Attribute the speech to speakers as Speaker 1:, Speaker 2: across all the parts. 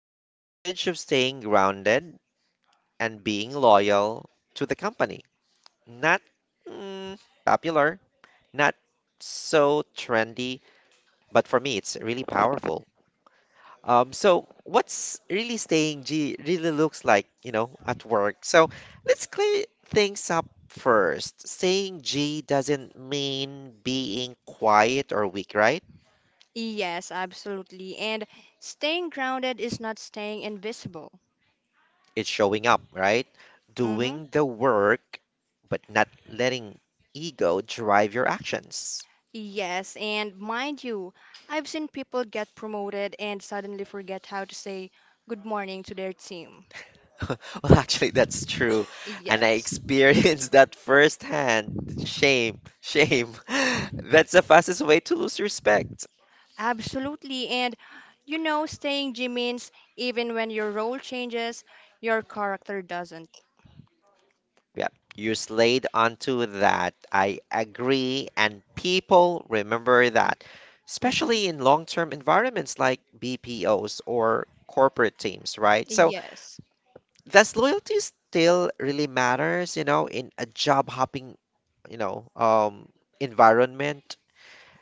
Speaker 1: The advantage of staying grounded and being loyal to the company. Not mm, popular, not so trendy but for me, it's really powerful. So what's really staying G really looks like, you know, at work. So let's clear things up first. Saying G doesn't mean being quiet or weak, right?
Speaker 2: Yes, absolutely. And staying grounded is not staying invisible.
Speaker 1: It's showing up, right?
Speaker 2: Hmm.
Speaker 1: Doing the work, but not letting ego drive your actions.
Speaker 2: Yes, and mind you, I've seen people get promoted and suddenly forget how to say good morning to their team.
Speaker 1: Well, actually, that's true. And I
Speaker 2: Yes,
Speaker 1: experienced that firsthand. Shame, shame. That's the fastest way to lose respect.
Speaker 2: absolutely. And you know, staying G means even when your role changes, your character doesn't.
Speaker 1: Yeah, you slayed onto that. I agree. And people remember that,
Speaker 2: Hmm.
Speaker 1: especially in long-term environments like BPOs or corporate teams, right? So,
Speaker 2: Yes.
Speaker 1: does loyalty still really matters, you know, in a job hopping, you know, um, environment?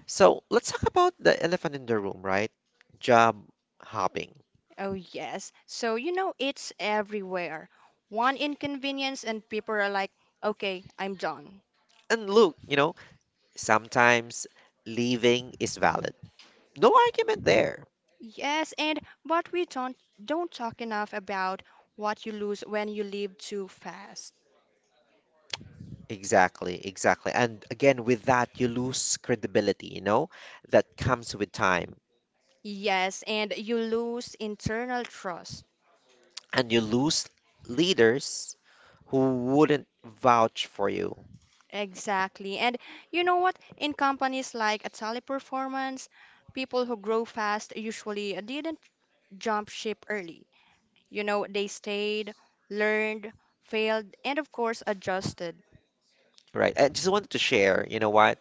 Speaker 1: So let's talk about the elephant in the room, right? Job hopping.
Speaker 2: Oh, yes. So, you know, it's everywhere. One inconvenience, and people are like, okay, I'm done.
Speaker 1: And look, you know, sometimes leaving is valid. No argument there.
Speaker 2: Yes, and but we don't talk enough about what you lose when you live too fast.
Speaker 1: Exactly, exactly. And again, with that, you lose credibility, you know, that comes with time.
Speaker 2: Yes, and you lose internal trust.
Speaker 1: And you lose leaders who wouldn't vouch for you,
Speaker 2: Exactly. And you know what? In companies like a teleperformance, people who grow fast usually didn't jump ship early. You know, they stayed, learned, failed, and of course adjusted.
Speaker 1: right? I just wanted to share, you know what?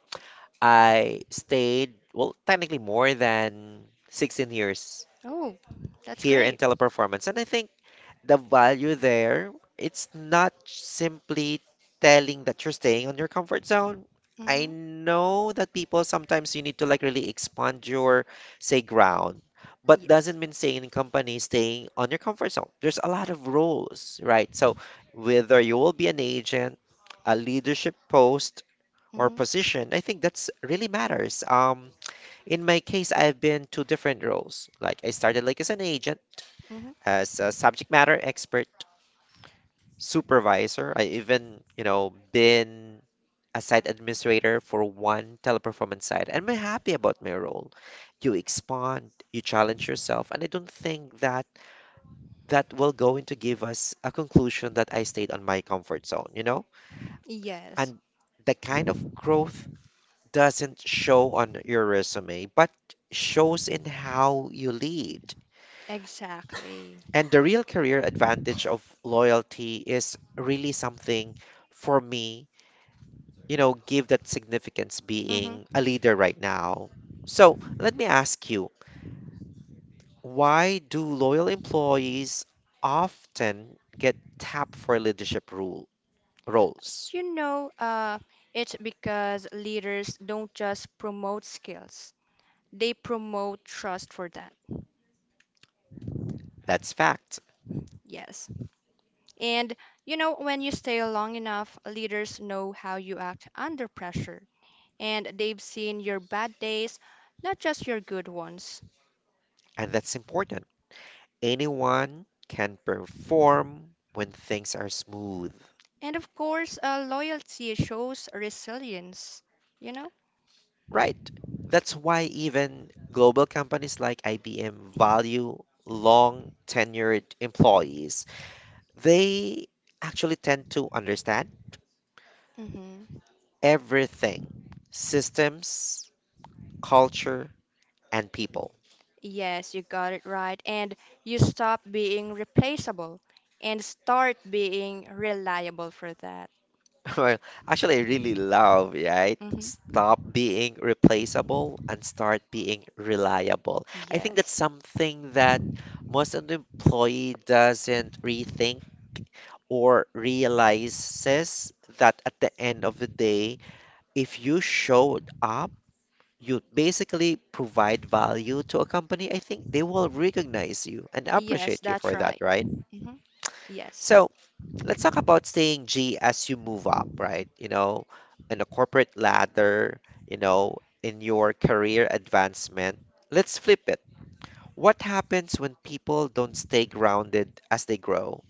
Speaker 1: I stayed, well, technically more than 16 years
Speaker 2: Oh, that's
Speaker 1: here in
Speaker 2: great.
Speaker 1: teleperformance. And I think the value there, it's not simply telling that you're staying on your comfort zone. I
Speaker 2: Mm-hmm.
Speaker 1: know that people sometimes you need to like really expand your, say, ground, but
Speaker 2: Yes.
Speaker 1: doesn't mean staying in company, staying on your comfort zone. There's a lot of roles, right? So whether you will be an agent, a leadership post, or
Speaker 2: Mm-hmm.
Speaker 1: position, I think that's really matters. In my case, I've been two different roles. Like I started like as an agent,
Speaker 2: Mm-hmm.
Speaker 1: as a subject matter expert supervisor. I even, you know, been a site administrator for one teleperformance site, and I'm happy about my role. You expand, you challenge yourself, and I don't think that that will go into give us a conclusion that I stayed on my comfort zone, you know?
Speaker 2: Yes,
Speaker 1: And the kind of growth doesn't show on your resume, but shows in how you lead.
Speaker 2: exactly.
Speaker 1: And the real career advantage of loyalty is really something for me you know, give that significance being
Speaker 2: Hmm.
Speaker 1: a leader right now. So let me ask you, why do loyal employees often get tapped for leadership rule roles?
Speaker 2: You know, it's because leaders don't just promote skills, they promote trust for that.
Speaker 1: That's fact,
Speaker 2: Yes. And you know, when you stay long enough, leaders know how you act under pressure, and they've seen your bad days, not just your good ones.
Speaker 1: and that's important. Anyone can perform when things are smooth,
Speaker 2: And of course, loyalty shows resilience, you know?
Speaker 1: right? That's why even global companies like IBM value long tenured employees. They actually tend to understand
Speaker 2: Mm-hmm.
Speaker 1: everything. Systems, culture, and people.
Speaker 2: Yes, you got it right. And you stop being replaceable and start being reliable for that.
Speaker 1: Well, actually, I really love, right?
Speaker 2: Hmm.
Speaker 1: Stop being replaceable and start being reliable. I think that's
Speaker 2: Yes.
Speaker 1: something that most of the employee doesn't rethink or realizes that at the end of the day, if you showed up, you basically provide value to a company, I think they will recognize you and
Speaker 2: Yes,
Speaker 1: appreciate you
Speaker 2: that's
Speaker 1: for that,
Speaker 2: right.
Speaker 1: right?
Speaker 2: Hmm. Yes.
Speaker 1: So let's talk about saying G as you move up, right? You know, in a corporate ladder, you know, in your career advancement. Let's flip it. What happens when people don't stay grounded as they grow?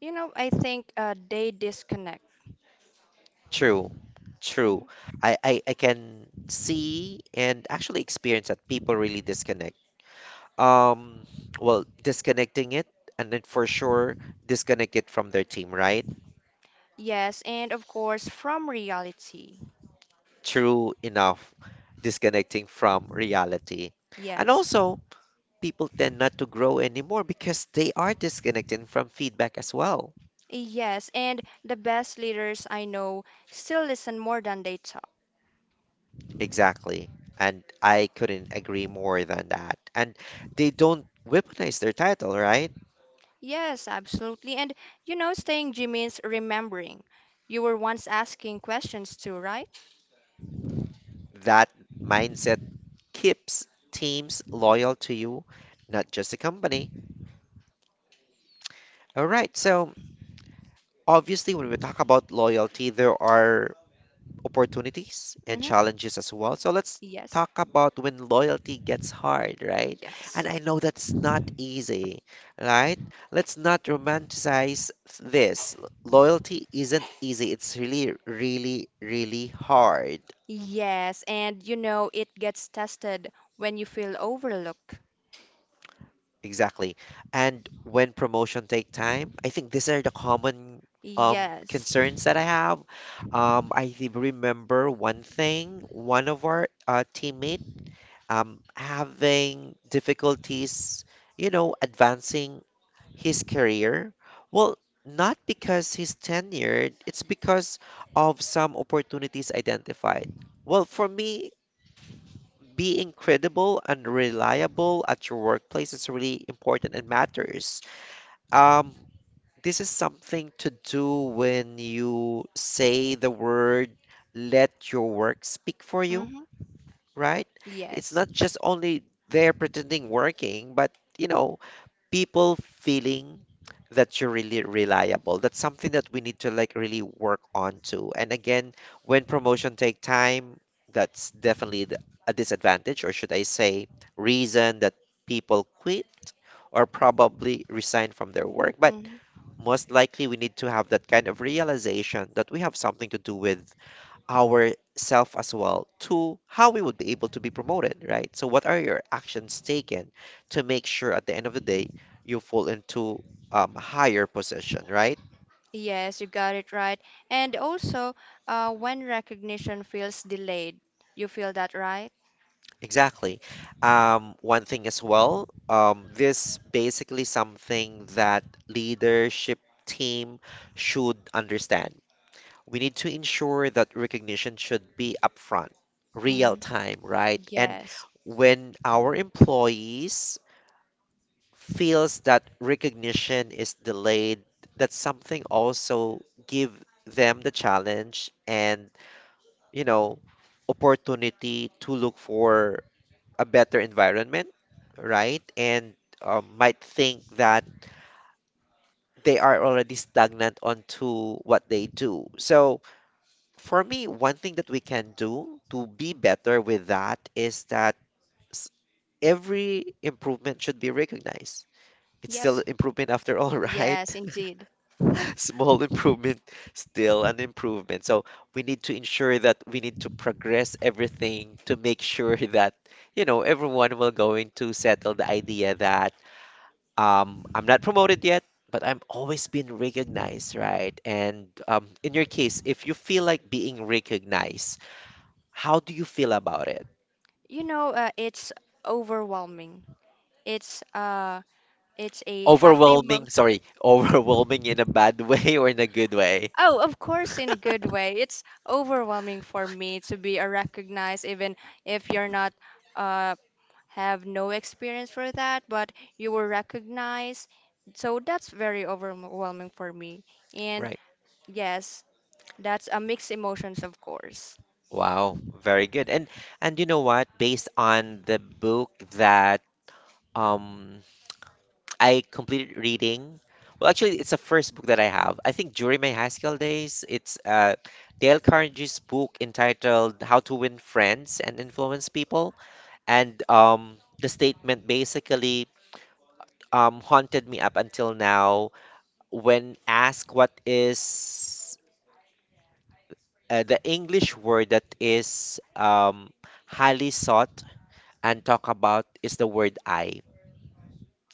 Speaker 2: You know, I think they disconnect.
Speaker 1: True, true.
Speaker 2: Mhm.
Speaker 1: I can see and actually experience that people really disconnect. Um, well, disconnecting it and then for sure disconnect it from their team, right?
Speaker 2: Yes, and of course, from reality.
Speaker 1: True enough disconnecting from reality. And
Speaker 2: Yes.
Speaker 1: also, people tend not to grow anymore because they are disconnected from feedback as well.
Speaker 2: Yes, and the best leaders I know still listen more than they talk.
Speaker 1: Exactly. And I couldn't agree more than that. And they don't weaponize their title, right?
Speaker 2: Yes, absolutely. And you know, staying G means remembering. You were once asking questions too, right?
Speaker 1: That mindset keeps teams loyal to you, not just the company. All right. So, obviously, when we talk about loyalty, there are opportunities and
Speaker 2: Mm-hmm.
Speaker 1: challenges as well. So, let's
Speaker 2: Yes,
Speaker 1: talk about when loyalty gets hard, right?
Speaker 2: yes,
Speaker 1: And I know that's not easy, right? Let's not romanticize this. Loyalty isn't easy, it's really, really, really hard.
Speaker 2: yes. And you know, it gets tested when you feel overlooked.
Speaker 1: Exactly. And when promotion take time, I think these are the common um
Speaker 2: Yes.
Speaker 1: concerns that I have. Remember one thing, one of our teammate having difficulties, you know, advancing his career? Well, not because he's tenured, it's because of some opportunities identified. Well, for me, being credible and reliable at your workplace is really important and matters. Um, this is something to do when you say the word, let your work speak for you,
Speaker 2: Mm-hmm.
Speaker 1: right? It's
Speaker 2: Yes.
Speaker 1: not just only there pretending working, but you know, people feeling that you're really reliable. That's something that we need to like really work on too. And again, when promotion take time, that's definitely a disadvantage, or should I say, reason that people quit or probably resign from their work. But
Speaker 2: Mm-hmm.
Speaker 1: most likely, we need to have that kind of realization that we have something to do with ourself as well to how we would be able to be promoted, right? So what are your actions taken to make sure at the end of the day you fall into higher position, right?
Speaker 2: Yes, you got it right. And also, when recognition feels delayed, you feel that, right?
Speaker 1: Exactly. One thing as well, this basically something that leadership team should understand. We need to ensure that recognition should be upfront, real
Speaker 2: Mm-hmm.
Speaker 1: time, right? And
Speaker 2: Yes.
Speaker 1: when our employees feels that recognition is delayed, that something also give them the challenge and, you know, opportunity to look for a better environment, right? And might think that they are already stagnant onto what they do. So for me, one thing that we can do to be better with that is that s- every improvement should be recognized. It's still
Speaker 2: Yes.
Speaker 1: improvement after all,
Speaker 2: Yes,
Speaker 1: right?
Speaker 2: indeed.
Speaker 1: Small improvement, still an improvement. So we need to ensure that we need to progress everything to make sure that, you know, everyone will going to settle the idea that I'm not promoted yet, but I'm always being recognized, right? And in your case, if you feel like being recognized, how do you feel about it?
Speaker 2: You know, it's overwhelming. It's uh, it's a happy mo.
Speaker 1: Overwhelming, sorry, overwhelming in a bad way or in a good way?
Speaker 2: Oh, of course, in a good way. It's overwhelming for me to be recognized, even if you're not uh, have no experience for that, but you will recognize. So that's very overwhelming for me. And
Speaker 1: Right.
Speaker 2: yes, that's a mixed emotions, of course.
Speaker 1: Wow, very good. And you know what? Based on the book that um I completed reading, well, actually, it's the first book that I have. I think during my high school days, it's Dale Carnegie's book entitled "How to Win Friends and Influence People," and the statement basically haunted me up until now. When asked what is the English word that is highly sought and talk about is the word I.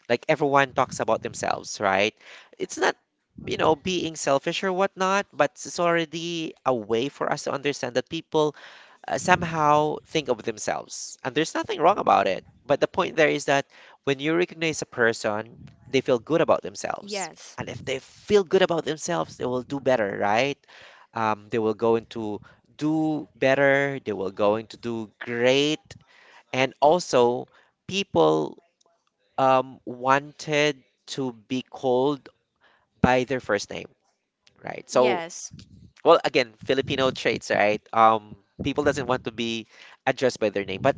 Speaker 1: Like everyone talks about themselves, right? It's not, you know, being selfish or whatnot, but it's already a way for us to understand that people somehow think of themselves. And there's nothing wrong about it. But the point there is that when you recognize a person, they feel good about themselves.
Speaker 2: Yes,
Speaker 1: And if they feel good about themselves, they will do better, right? They will go into do better, they will go into do great and also, people wanted to be called by their first name, right? So,
Speaker 2: yes.
Speaker 1: well, again, Filipino traits, right? People doesn't want to be addressed by their name, but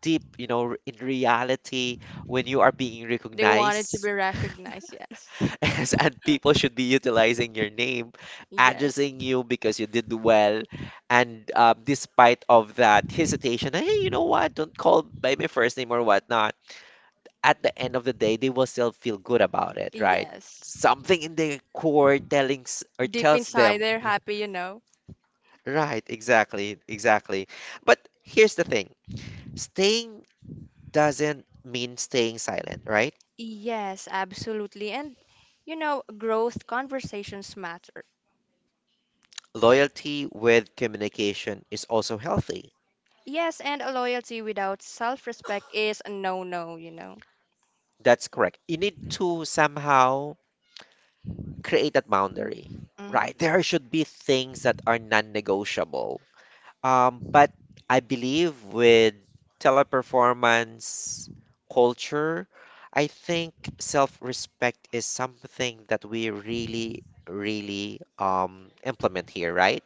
Speaker 1: deep, you know, in reality, when you are being
Speaker 2: They wanted to
Speaker 1: recognized
Speaker 2: be recognized. Yes,
Speaker 1: as, and people should be utilizing your name,
Speaker 2: yes,
Speaker 1: addressing you because you did well, and despite of that hesitation, hey, you know what? Don't call by my first name or whatnot at the end of the day, they will still feel good about it, right?
Speaker 2: yes.
Speaker 1: Something in their core telling or
Speaker 2: Deep
Speaker 1: tells
Speaker 2: inside
Speaker 1: them,
Speaker 2: they're happy, you know?
Speaker 1: right? Exactly, exactly. But here's the thing: staying doesn't mean staying silent, right?
Speaker 2: Yes, absolutely. And, you know, growth conversations matter.
Speaker 1: Loyalty with communication is also healthy.
Speaker 2: Yes, and a loyalty without self-respect is a no-no, you know.
Speaker 1: That's correct. You need to somehow create that boundary,
Speaker 2: Hmm.
Speaker 1: right? There should be things that are non-negotiable. But I believe with teleperformance culture, I think self-respect is something that we really, really implement here, right?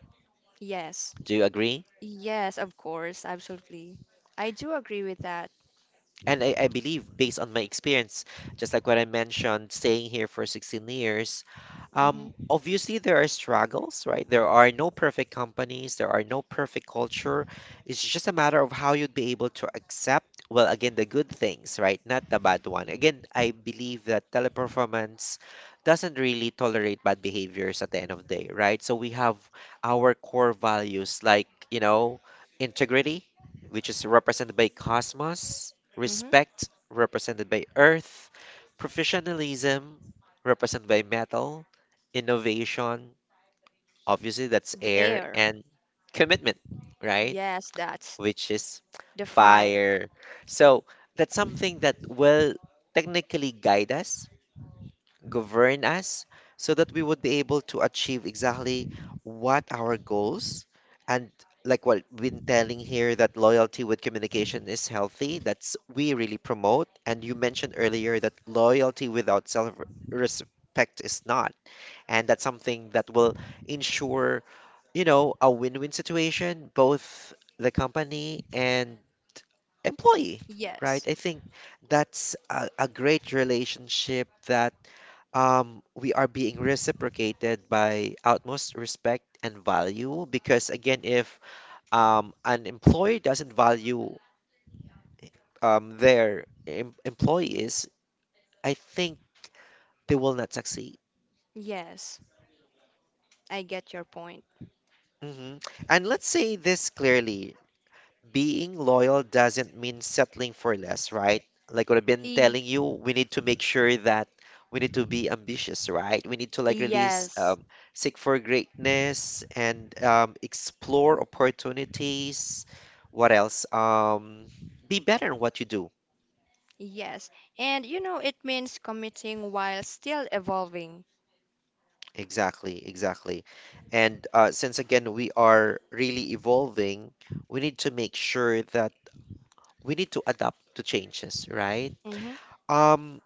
Speaker 2: Yes.
Speaker 1: Do you agree?
Speaker 2: Yes, of course, absolutely. I do agree with that.
Speaker 1: And I believe, based on my experience, just like what I mentioned, staying here for 16 years,
Speaker 2: Hmm.
Speaker 1: obviously there are struggles, right? There are no perfect companies, there are no perfect culture. It's just a matter of how you'd be able to accept, well, again, the good things, right? Not the bad one. Again, I believe that teleperformance doesn't really tolerate bad behaviors at the end of the day, right? So we have our core values like, you know, integrity, which is represented by cosmos
Speaker 2: Hmm.
Speaker 1: respect, represented by earth, professionalism, represented by metal, innovation, obviously that's
Speaker 2: The
Speaker 1: air,
Speaker 2: air.
Speaker 1: and commitment, right?
Speaker 2: Yes, that's
Speaker 1: Which is
Speaker 2: the fire.
Speaker 1: fire. So that's something that will technically guide us, govern us, so that we would be able to achieve exactly what our goals and like what we've been telling here, that loyalty with communication is healthy. That's we really promote. And you mentioned earlier that loyalty without self respect is not, and that's something that will ensure, you know, a win-win situation both the company and employee, right?
Speaker 2: Yes.
Speaker 1: I think that's a great relationship that we are being reciprocated by utmost respect and value. Because again, if an employer doesn't value their em employees, I think they will not succeed.
Speaker 2: Yes, I get your point.
Speaker 1: Hmm And let's say this clearly, being loyal doesn't mean settling for less, right? Like what I've been
Speaker 2: E-
Speaker 1: telling you, we need to make sure that we need to be ambitious, right? We need to like release,
Speaker 2: Yes.
Speaker 1: seek for greatness and explore opportunities. What else? Be better in what you do.
Speaker 2: Yes. And you know, it means committing while still evolving.
Speaker 1: Exactly, exactly. And since again we are really evolving, we need to make sure that we need to adapt to changes, right?
Speaker 2: Hmm.
Speaker 1: Um,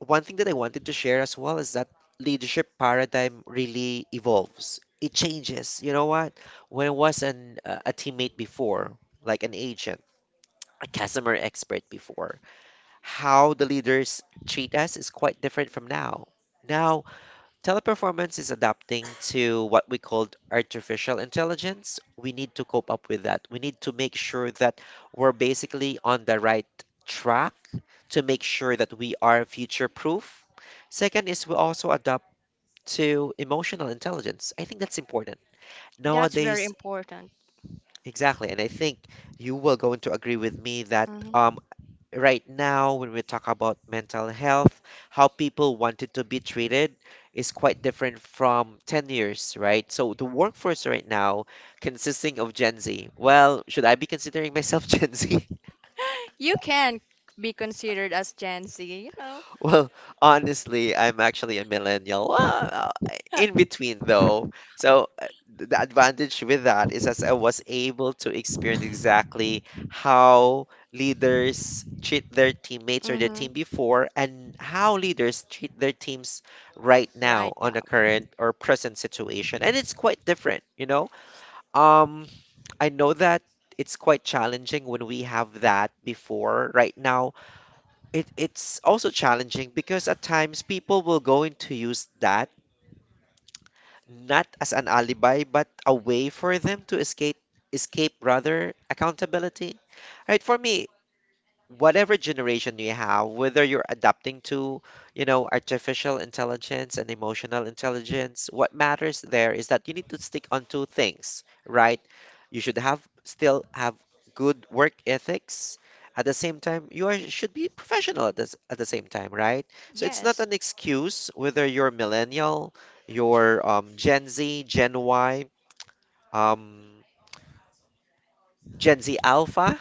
Speaker 1: One thing that I wanted to share as well is that leadership paradigm really evolves. It changes. You know what? When I was an a teammate before, like an agent, a customer expert before, how the leaders treat us is quite different from now. Now Teleperformance is adapting to what we called artificial intelligence. We need to cope up with that. We need to make sure that we're basically on the right track to make sure that we are future proof. Second is we also adapt to emotional intelligence. I think that's important.
Speaker 2: That's very
Speaker 1: Nowadays,
Speaker 2: important.
Speaker 1: exactly, and I think you will going to agree with me that
Speaker 2: Mm-hmm.
Speaker 1: right now when we talk about mental health, how people wanted to be treated is quite different from 10 years, right? So the workforce right now consisting of Gen Z. Well, should I be considering myself Gen Z?
Speaker 2: You can be considered as Gen Z, you know.
Speaker 1: Well, honestly, I'm actually a millennial. Well, in between though. So the advantage with that is as I was able to experience exactly how leaders treat their teammates or their
Speaker 2: Hmm.
Speaker 1: team before and how leaders treat their teams right now
Speaker 2: Right
Speaker 1: on the
Speaker 2: now.
Speaker 1: current or present situation. And it's quite different, you know? Um, I know that it's quite challenging when we have that before right now it's also challenging because at times people will going to use that not as an alibi but a way for them to escape, escape rather, accountability. Right, for me, whatever generation you have, whether you're adapting to, you know, artificial intelligence and emotional intelligence, what matters there is that you need to stick on two things, right? You should have still have good work ethics. At the same time, you are, should be professional at this, at the same time, right? So it's not
Speaker 2: Yes.
Speaker 1: an excuse whether you're millennial, you're Gen Z, Gen Y, um, Gen Z Alpha,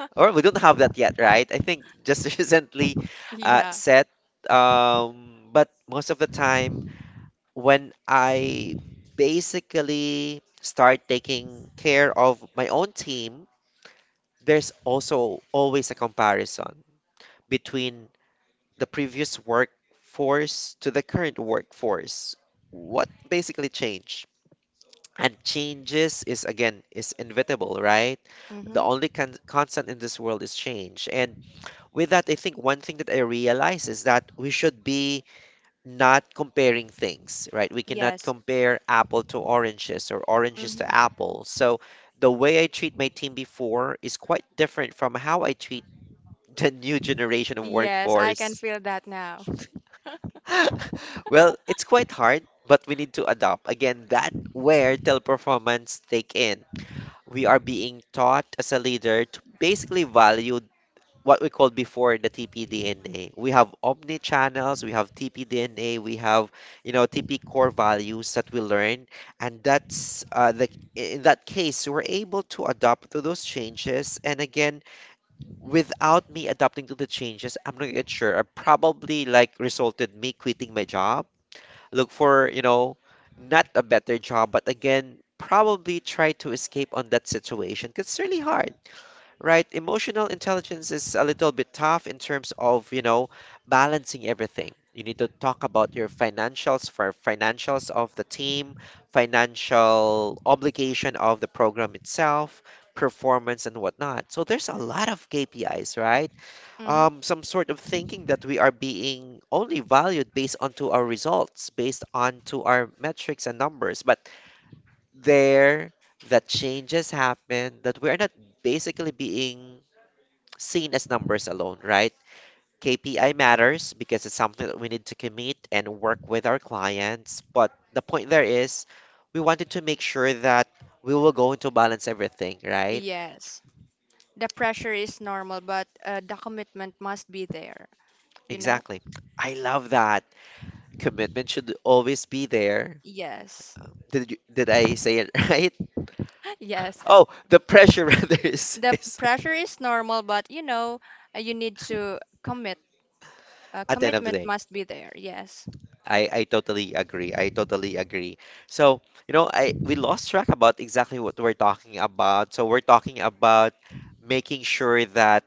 Speaker 1: or we don't have that yet, right? I think just recently
Speaker 2: Yeah.
Speaker 1: set. But most of the time, when I basically start taking care of my own team, there's also always a comparison between the previous workforce to the current workforce. What basically changed? And changes is again is inevitable, right? The
Speaker 2: Hmm.
Speaker 1: only constant in this world is change, and with that, I think one thing that I realize is that we should be not comparing things, right? We cannot
Speaker 2: Yes.
Speaker 1: compare apple to oranges or oranges
Speaker 2: Hmm.
Speaker 1: to apple. So the way I treat my team before is quite different from how I treat the new generation of
Speaker 2: Yes, I can
Speaker 1: workforce.
Speaker 2: feel that now.
Speaker 1: Well, it's quite hard, but we need to adopt. Again, that where teleperformance take in. We are being taught as a leader to basically value what we called before the TPDNA. We have omni channels, we have TPDNA, we have, you know, TP core values that we learn, and that's the, in that case we're able to adapt to those changes. And again, without me adapting to the changes, I'm not yet sure. I probably like resulted me quitting my job, look for, you know, not a better job, but again. Probably try to escape on that situation because it's really hard, right? Emotional intelligence is a little bit tough in terms of, you know, balancing everything. You need to talk about your financials, for financials of the team, financial obligation of the program itself, performance and whatnot. So there's a lot of KPIs, right?
Speaker 2: Hmm.
Speaker 1: Some sort of thinking that we are being only valued based onto our results, based onto our metrics and numbers. But there, that changes happen, that we're not basically being seen as numbers alone, right? KPI matters because it's something that we need to commit and work with our clients. But the point there is, we wanted to make sure that we were going to balance everything, right?
Speaker 2: Yes. The pressure is normal, but the commitment must be there, you know?
Speaker 1: Exactly. I love that. Commitment should always be there.
Speaker 2: Yes,
Speaker 1: Did you, did I say it right?
Speaker 2: yes.
Speaker 1: Oh, the pressure rather
Speaker 2: The
Speaker 1: is
Speaker 2: pressure is normal, but you know, you need to commit. Uh,
Speaker 1: at the end of the
Speaker 2: commitment
Speaker 1: day.
Speaker 2: must be there, yes.
Speaker 1: I totally agree. I totally agree. So, you know, I we lost track about exactly what we're talking about. So we're talking about making sure that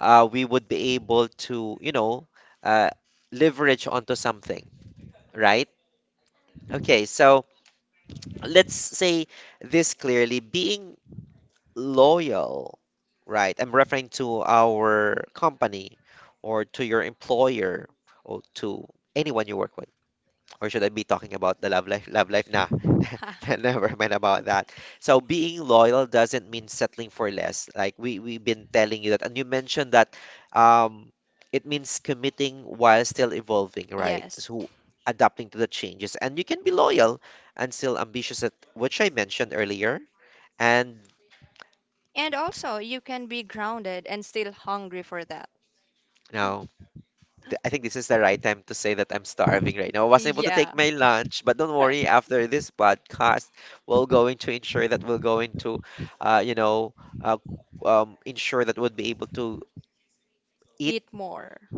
Speaker 1: we would be able to, you know, uh, leverage onto something, right? Okay, so let's say this clearly, being loyal, right? I'm referring to our company or to your employer or to anyone you work with. Or should I be talking about the love life? Love life, nah, never mind about that. So being loyal doesn't mean settling for less. Like we've been telling you that, and you mentioned that um, it means committing while still evolving, right?
Speaker 2: Yes.
Speaker 1: So adapting to the changes, and you can be loyal and still ambitious, at, which I mentioned earlier. And
Speaker 2: And also, you can be grounded and still hungry for that.
Speaker 1: now I think this is the right time to say that I'm starving right now. I wasn't able to
Speaker 2: Yeah,
Speaker 1: take my lunch, but don't worry. After this podcast, we're going to ensure that we're going to, you know, uh, ensure that we'll be able to
Speaker 2: eat
Speaker 1: eat
Speaker 2: more.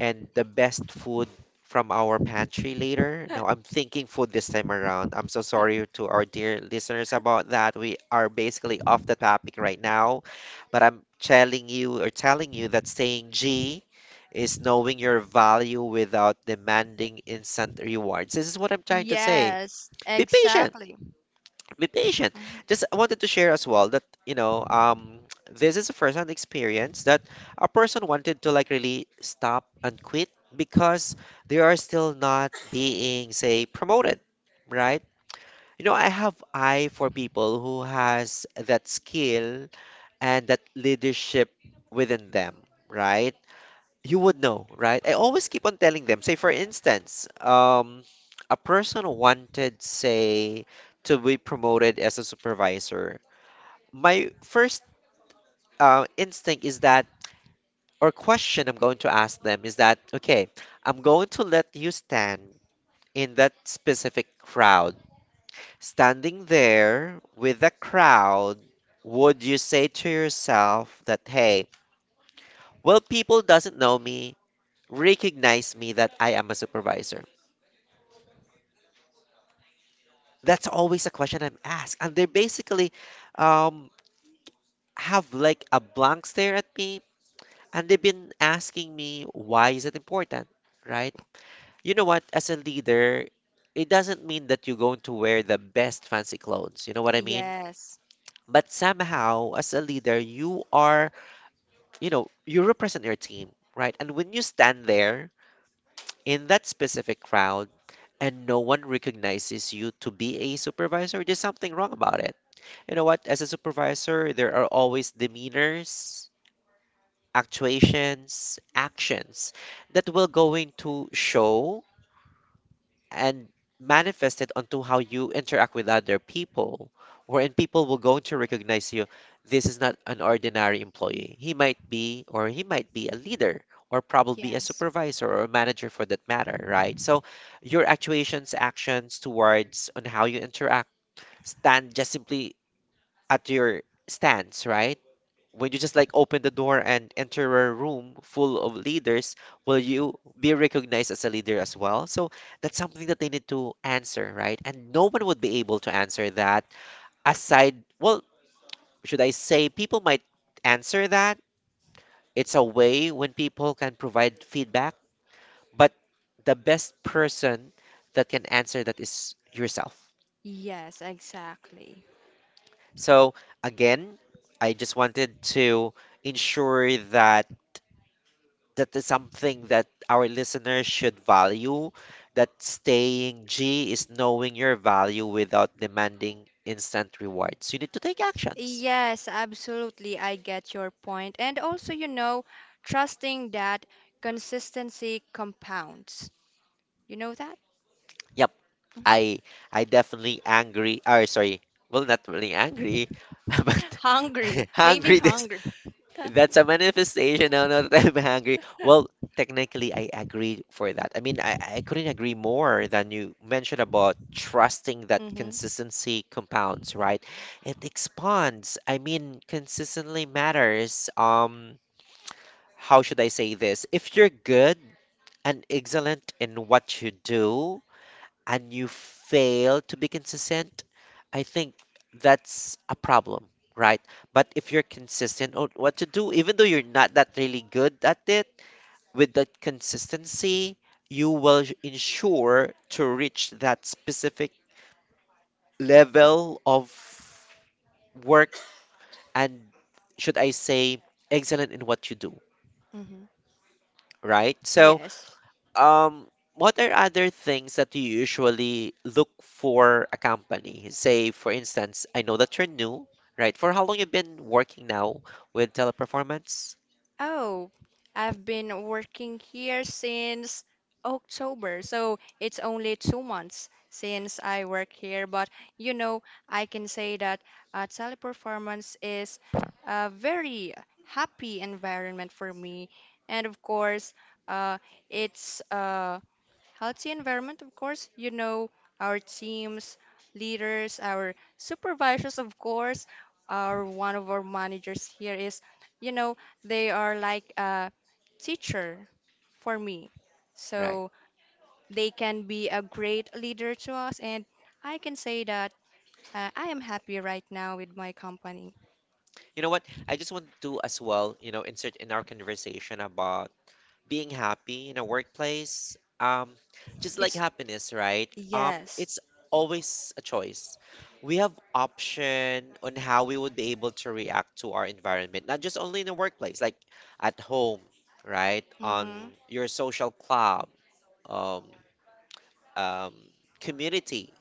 Speaker 1: and the best food from our pantry later. Now, I'm thinking food this time around. I'm so sorry to our dear listeners about that. We are basically off the topic right now, but I'm telling you or telling you that saying G is knowing your value without demanding instant rewards. This is what I'm trying to say.
Speaker 2: Yes,
Speaker 1: Be patient,
Speaker 2: exactly.
Speaker 1: be patient.
Speaker 2: Mhm.
Speaker 1: Just I wanted to share as well that you know this is a first-hand experience that a person wanted to like really stop and quit because they are still not being say promoted, right? You know, I have eye for people who has that skill and that leadership within them, right? You would know, right? I always keep on telling them, say for instance, a person wanted, say, to be promoted as a supervisor. My first instinct is that, or question I'm going to ask them is that, okay, I'm going to let you stand in that specific crowd. Standing there with the crowd, would you say to yourself that, hey, well, people doesn't know me, recognize me that I am a supervisor? That's always a question I'm asked. And they basically um, have like a blank stare at me and they've been asking me, why is it important? Right? You know what? As a leader, it doesn't mean that you're going to wear the best fancy clothes. You know what I mean?
Speaker 2: Yes,
Speaker 1: But somehow, as a leader, you are, you know, you represent your team, right? And when you stand there in that specific crowd and no one recognizes you to be a supervisor, there's something wrong about it. You know what? As a supervisor, there are always demeanors, actuations, actions that will going to show and manifest it onto how you interact with other people, wherein people will going to recognize you. This is not an ordinary employee. He might be, or he might be a leader, or probably a
Speaker 2: yes,
Speaker 1: supervisor or a manager for that matter, right? So your actuations, actions towards on how you interact stand just simply at your stance, right? When you just like open the door and enter a room full of leaders, will you be recognized as a leader as well? So that's something that they need to answer, right? And no one would be able to answer that aside, well, should I say people might answer that? It's a way when people can provide feedback, but the best person that can answer that is yourself.
Speaker 2: yes, exactly.
Speaker 1: So again, I just wanted to ensure that that is something that our listeners should value, that staying G is knowing your value without demanding instant rewards. You need to take actions.
Speaker 2: Yes, absolutely. I get your point. And also, you know, trusting that consistency compounds. You know that?
Speaker 1: Yep, I I definitely angry or sorry, well not really angry, but
Speaker 2: Hungry. Maybe
Speaker 1: hungry this.
Speaker 2: hungry.
Speaker 1: That's a manifestation. Now, not that I'm hungry. Well, technically, I agree for that. I mean, I couldn't agree more than you mentioned about trusting that
Speaker 2: Mm-hmm.
Speaker 1: consistency compounds, right? It expands. I mean, consistently matters. How should I say this? If you're good and excellent in what you do, and you fail to be consistent, I think that's a problem, right? But if you're consistent on what to do, even though you're not that really good at it, with that consistency, you will ensure to reach that specific level of work and should I say excellent in what you do,
Speaker 2: Mm-hmm.
Speaker 1: right? So
Speaker 2: Yes.
Speaker 1: um, what are other things that you usually look for a company? Say, for instance, I know that you're new, right? For how long you've been working now with Teleperformance,
Speaker 2: Oh, I've been working here since October, so it's only 2 months since I work here. But you know, I can say that Teleperformance is a very happy environment for me, and of course, uh, it's healthy environment, of course. You know, our teams, leaders, our supervisors, of course, our one of our managers here is, you know, they are like a teacher for me.
Speaker 1: right?
Speaker 2: So they can be a great leader to us, and I can say that I am happy right now with my company.
Speaker 1: You know what? I just want to as well, insert in our conversation about being happy in a workplace, just like
Speaker 2: It's
Speaker 1: happiness, right?
Speaker 2: Yes.
Speaker 1: It's always a choice. We have option on how we would be able to react to our environment, not just only in the workplace, like at home, right? On
Speaker 2: Mm-hmm.
Speaker 1: your social club, um, um, community,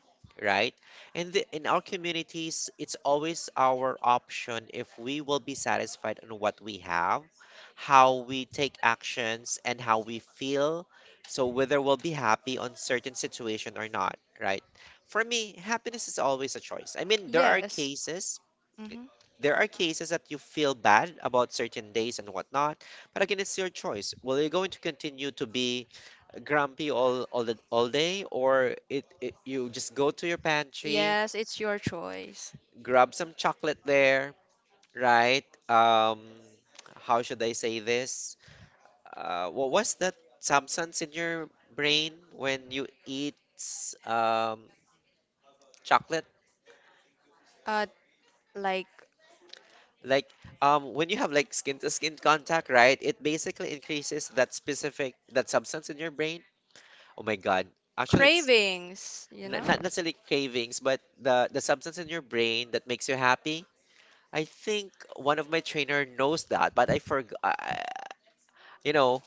Speaker 1: right? In our communities, it's always our option if we will be satisfied on what we have, how we take actions, and how we feel. So whether we'll be happy on certain situation or not, right? For me, happiness is always a choice. I mean,
Speaker 2: Yes. Mm-hmm.
Speaker 1: there are cases that you feel bad about certain days and whatnot, but again, it's your choice. Will you going to continue to be grumpy all day, or it you just go to your pantry,
Speaker 2: Yes, it's your choice.
Speaker 1: grab some chocolate there, right? Um, how should I say this? What was that substance in your brain when you eat um, chocolate?
Speaker 2: uh, like
Speaker 1: Like, when you have like skin to skin contact, right? It basically increases that specific that substance in your brain. Oh my God. Actually, it's
Speaker 2: cravings, you know?
Speaker 1: not necessarily cravings, but the substance in your brain that makes you happy. I think one of my trainer knows that, but I forgot. You know,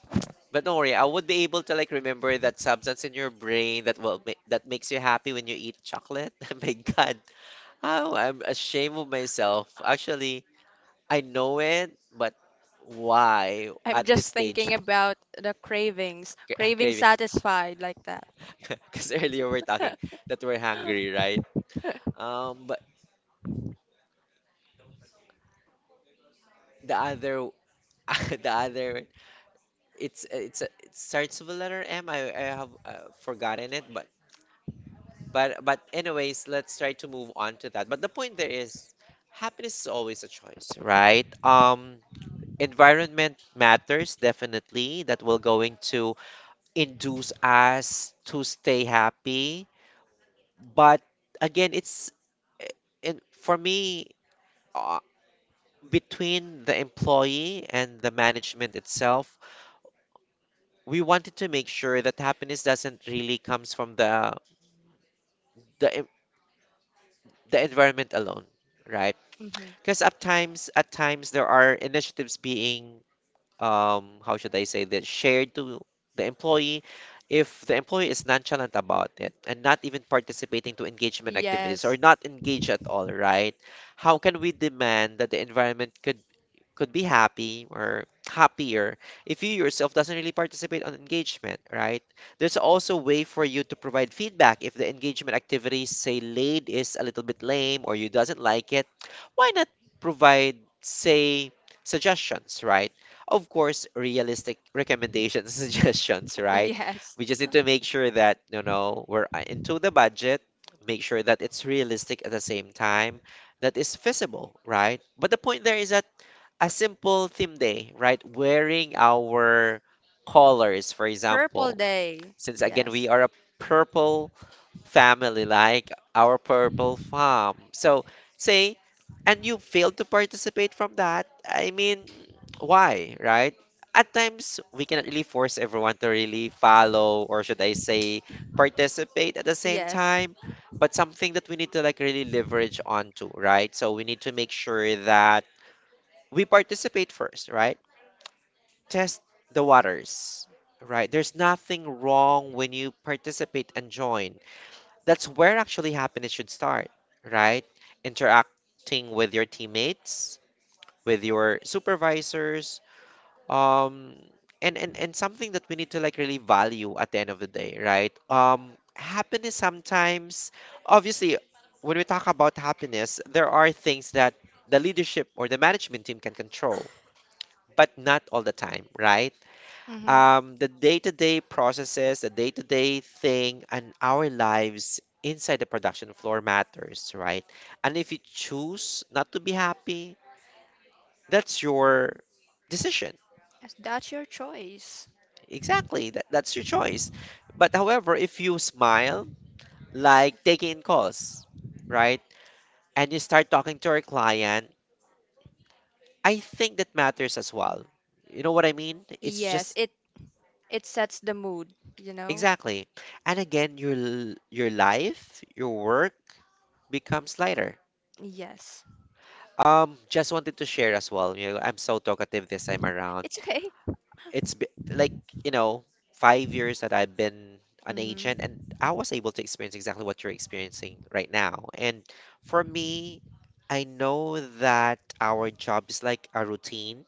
Speaker 1: but don't worry, I would be able to like remember that substance in your brain that will that makes you happy when you eat chocolate. My God, oh, I'm ashamed of myself. Actually, I know it, but why
Speaker 2: I'm
Speaker 1: at this
Speaker 2: just
Speaker 1: stage?
Speaker 2: thinking about the cravings, craving
Speaker 1: Craving.
Speaker 2: satisfied like that.
Speaker 1: Because earlier we're talking that we're hungry, right? But the other the other one. It's it starts with a letter M. I have forgotten it, but but anyways, let's try to move on to that. But the point there is, happiness is always a choice, right? Environment matters definitely. That will going to induce us to stay happy, but again, it's eh, and for me uh, between the employee and the management itself we wanted to make sure that happiness doesn't really comes from the en- the environment alone, right?
Speaker 2: Mhm.
Speaker 1: Because at times there are initiatives being how should I say that shared to the employee if the employee is nonchalant about it and not even participating to engagement activities or
Speaker 2: Yes.
Speaker 1: not engaged at all, right? How can we demand that the environment could be happy or happier if you yourself doesn't really participate on engagement, right? There's also a way for you to provide feedback if the engagement activities say laid is a little bit lame or you doesn't like it. Why not provide say suggestions, right? Of course, realistic recommendations, suggestions, right?
Speaker 2: Yes.
Speaker 1: We just need to make sure that you know we're into the budget, make sure that it's realistic at the same time, that is feasible, right? But the point there is that a simple theme day, right? Wearing our colors, for
Speaker 2: Purple
Speaker 1: example.
Speaker 2: Day.
Speaker 1: Since again,
Speaker 2: Yes.
Speaker 1: we are a purple family, like our purple farm. So, say, and you failed to participate from that. I mean, why, right? At times, we cannot really force everyone to really follow, or should I say, participate at the same
Speaker 2: Yes.
Speaker 1: time. But something that we need to like really leverage onto, right? So we need to make sure that we participate first, right? Test the waters, right? There's nothing wrong when you participate and join. That's where actually happiness should start, right? Interacting with your teammates, with your supervisors, um, and something that we need to like really value at the end of the day, right? Happiness sometimes, obviously, when we talk about happiness, there are things that the leadership or the management team can control but not all the time, right?
Speaker 2: Mm-hmm.
Speaker 1: The day to day processes, the day to day thing, and our lives inside the production floor matters, right? And if you choose not to be happy, that's your decision.
Speaker 2: Yes, that's your choice.
Speaker 1: Exactly, that's your choice. But however, if you smile, like taking in calls, right? And you start talking to your client, I think that matters as well. You know what I mean? It's
Speaker 2: Yes.
Speaker 1: just
Speaker 2: It sets the mood, you know?
Speaker 1: Exactly. And again, your your life, your work becomes lighter.
Speaker 2: Yes.
Speaker 1: Just wanted to share as well. You know, I'm so talkative this time around.
Speaker 2: It's okay.
Speaker 1: It's be, like, you know, 5 years that I've been an agent, and
Speaker 2: Mm-hmm.
Speaker 1: I was able to experience exactly what you're experiencing right now. And for me, I know that our job is like a routine.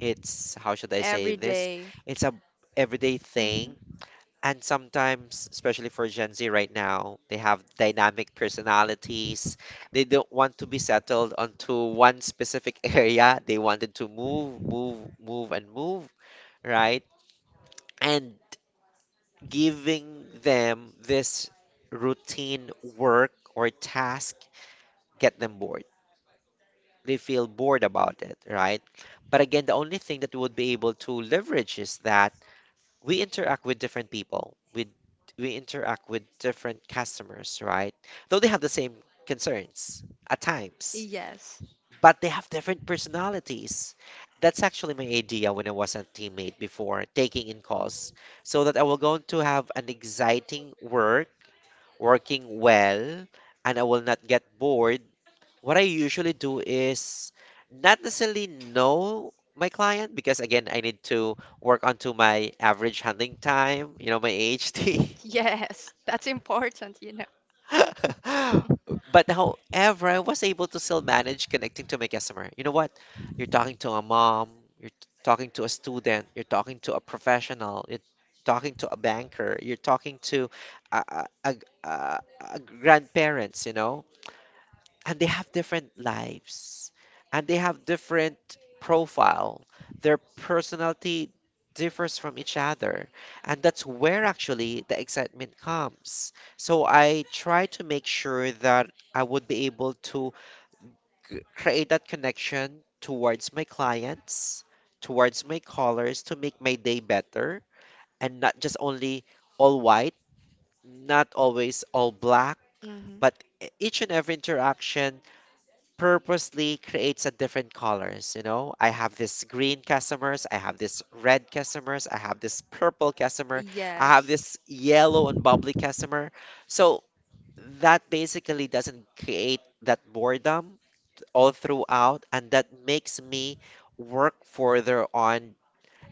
Speaker 1: It's, how should I say
Speaker 2: Every
Speaker 1: this?
Speaker 2: day.
Speaker 1: It's a everyday
Speaker 2: Mm-hmm.
Speaker 1: thing. And sometimes, especially for Gen Z right now, they have dynamic personalities. They don't want to be settled onto one specific area. They wanted to move, right? And giving them this routine work or task get them bored. They feel bored about it, right? But again, the only thing that we would be able to leverage is that we interact with different people with we interact with different customers right though they have the same concerns at times
Speaker 2: Yes.
Speaker 1: but they have different personalities. That's actually my idea when I was a teammate before taking in calls, so that I will going to have an exciting work working well and I will not get bored. What I usually do is not necessarily know my client because again I need to work onto my average handling time, you know, my AHT.
Speaker 2: Yes, that's important, you know.
Speaker 1: But however, I was able to still manage connecting to my customer. You know what? You're talking to a mom, you're talking to a student, you're talking to a professional, you're talking to a banker, you're talking to a, a, a, a a grandparents, you know. And they have different lives and they have different profile, their personality differs from each other, and that's where actually the excitement comes. So I try to make sure that I would be able to create that connection towards my clients, towards my callers, to make my day better and not just only all white, not always all black,
Speaker 2: Mm-hmm.
Speaker 1: but each and every interaction purposely creates a different colors. You know, I have this green customers, I have this red customers, I have this purple customer, I have
Speaker 2: Yes.
Speaker 1: this yellow and bubbly customer. So that basically doesn't create that boredom all throughout, and that makes me work further on,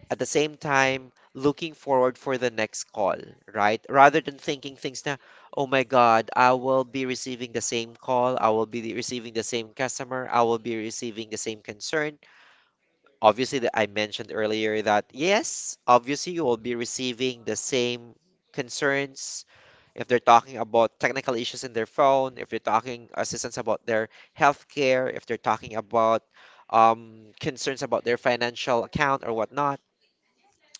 Speaker 1: at the same time looking forward for the next call, right? Rather than thinking things na, oh my God, I will be receiving the same call, I will be receiving the same customer, I will be receiving the same concern. Obviously, that I mentioned earlier that yes, obviously you will be receiving the same concerns if they're talking about technical issues in their phone, if they're talking assistance about their healthcare, if they're talking about concerns about their financial account or whatnot,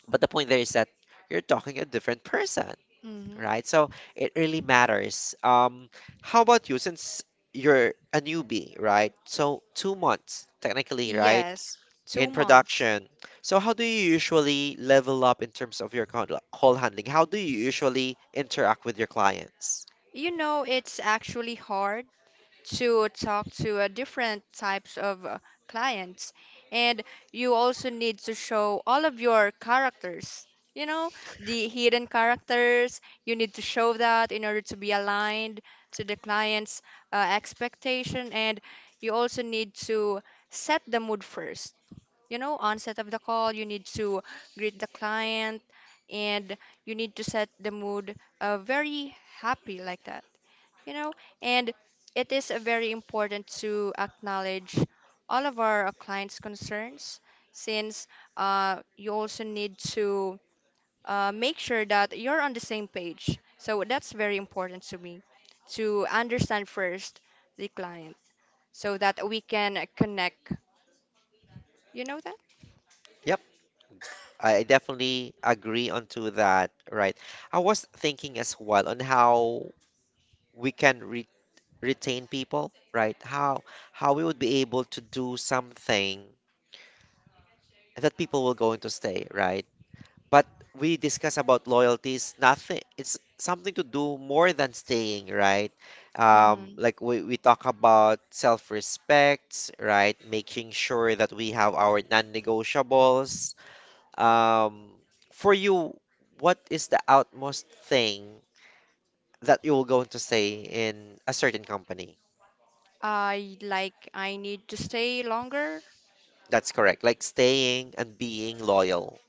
Speaker 1: but the point there is that you're talking a different person,
Speaker 2: Mm-hmm.
Speaker 1: right? So it really matters. How about you? Since you're a newbie, right? So 2 months technically, right?
Speaker 2: Yes, two
Speaker 1: In
Speaker 2: months.
Speaker 1: production. So how do you usually level up in terms of your call handling? How do you usually interact with your clients?
Speaker 2: You know, it's actually hard to talk to different types of clients, and you also need to show all of your characters. You know, the hidden characters, you need to show that in order to be aligned to the client's expectation, and you also need to set the mood first. Onset of the call, you need to greet the client and you need to set the mood very happy like that, you know. And it is very important to acknowledge all of our clients' concerns since you also need to make sure that you're on the same page. So that's very important to me to understand first the client so that we can connect. You know that?
Speaker 1: Yep, I definitely agree onto that, right? I was thinking as well on how we can retain people, right? How we would be able to do something that people will going to stay, right? But we discuss about loyalties, nothing. It's something to do more than staying, right?
Speaker 2: Hmm.
Speaker 1: Like we talk about self-respect, right? Making sure that we have our non-negotiables. Um, for you, what is the outmost thing that you will going to stay in a certain company?
Speaker 2: I need to stay longer.
Speaker 1: That's correct. Like staying and being loyal.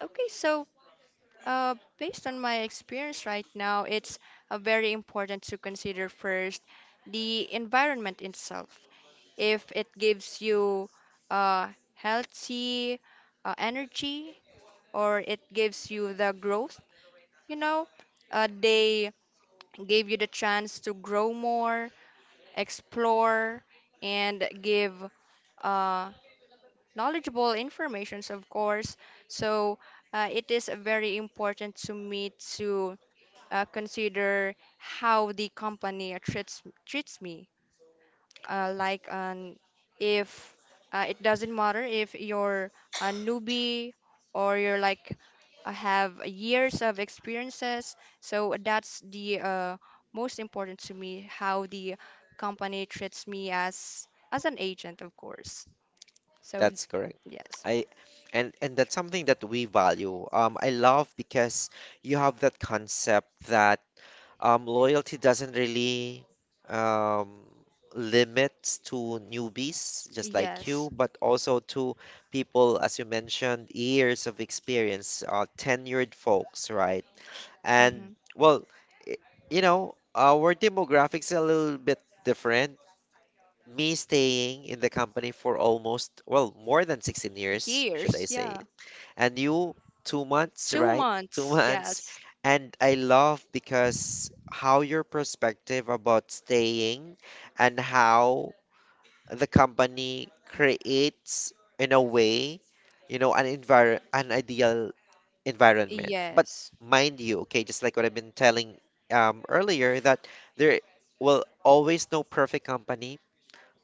Speaker 2: Okay, so based on my experience right now, it's very important to consider first the environment itself. If it gives you uh, healthy energy or it gives you the growth, you know, they gave you the chance to grow more, explore, and give uh, knowledgeable informations, of course. So it is very important to me to consider how the company treats me. Like an If it doesn't matter if you're a newbie or you're like have years of experiences. So that's the most important to me how the company treats me as an agent, of course. So
Speaker 1: That's correct.
Speaker 2: yes,
Speaker 1: I and that's something that we value. I love because you have that concept that loyalty doesn't really um, limit to newbies just like
Speaker 2: yes.
Speaker 1: you, but also to people, as you mentioned, years of experience, tenured folks, right? And
Speaker 2: Hmm.
Speaker 1: well, i- you know, our demographics a little bit different me staying in the company for almost, well, more than 16 years, should I
Speaker 2: Years,
Speaker 1: say.
Speaker 2: yeah.
Speaker 1: And you, 2 months,
Speaker 2: Two
Speaker 1: right? Two
Speaker 2: months,
Speaker 1: months.
Speaker 2: yes.
Speaker 1: And I love because how your perspective about staying and how the company creates, in a way, you know, an ideal environment. But
Speaker 2: Yes.
Speaker 1: mind you, okay, just like what I've been telling earlier, that there will always no perfect company,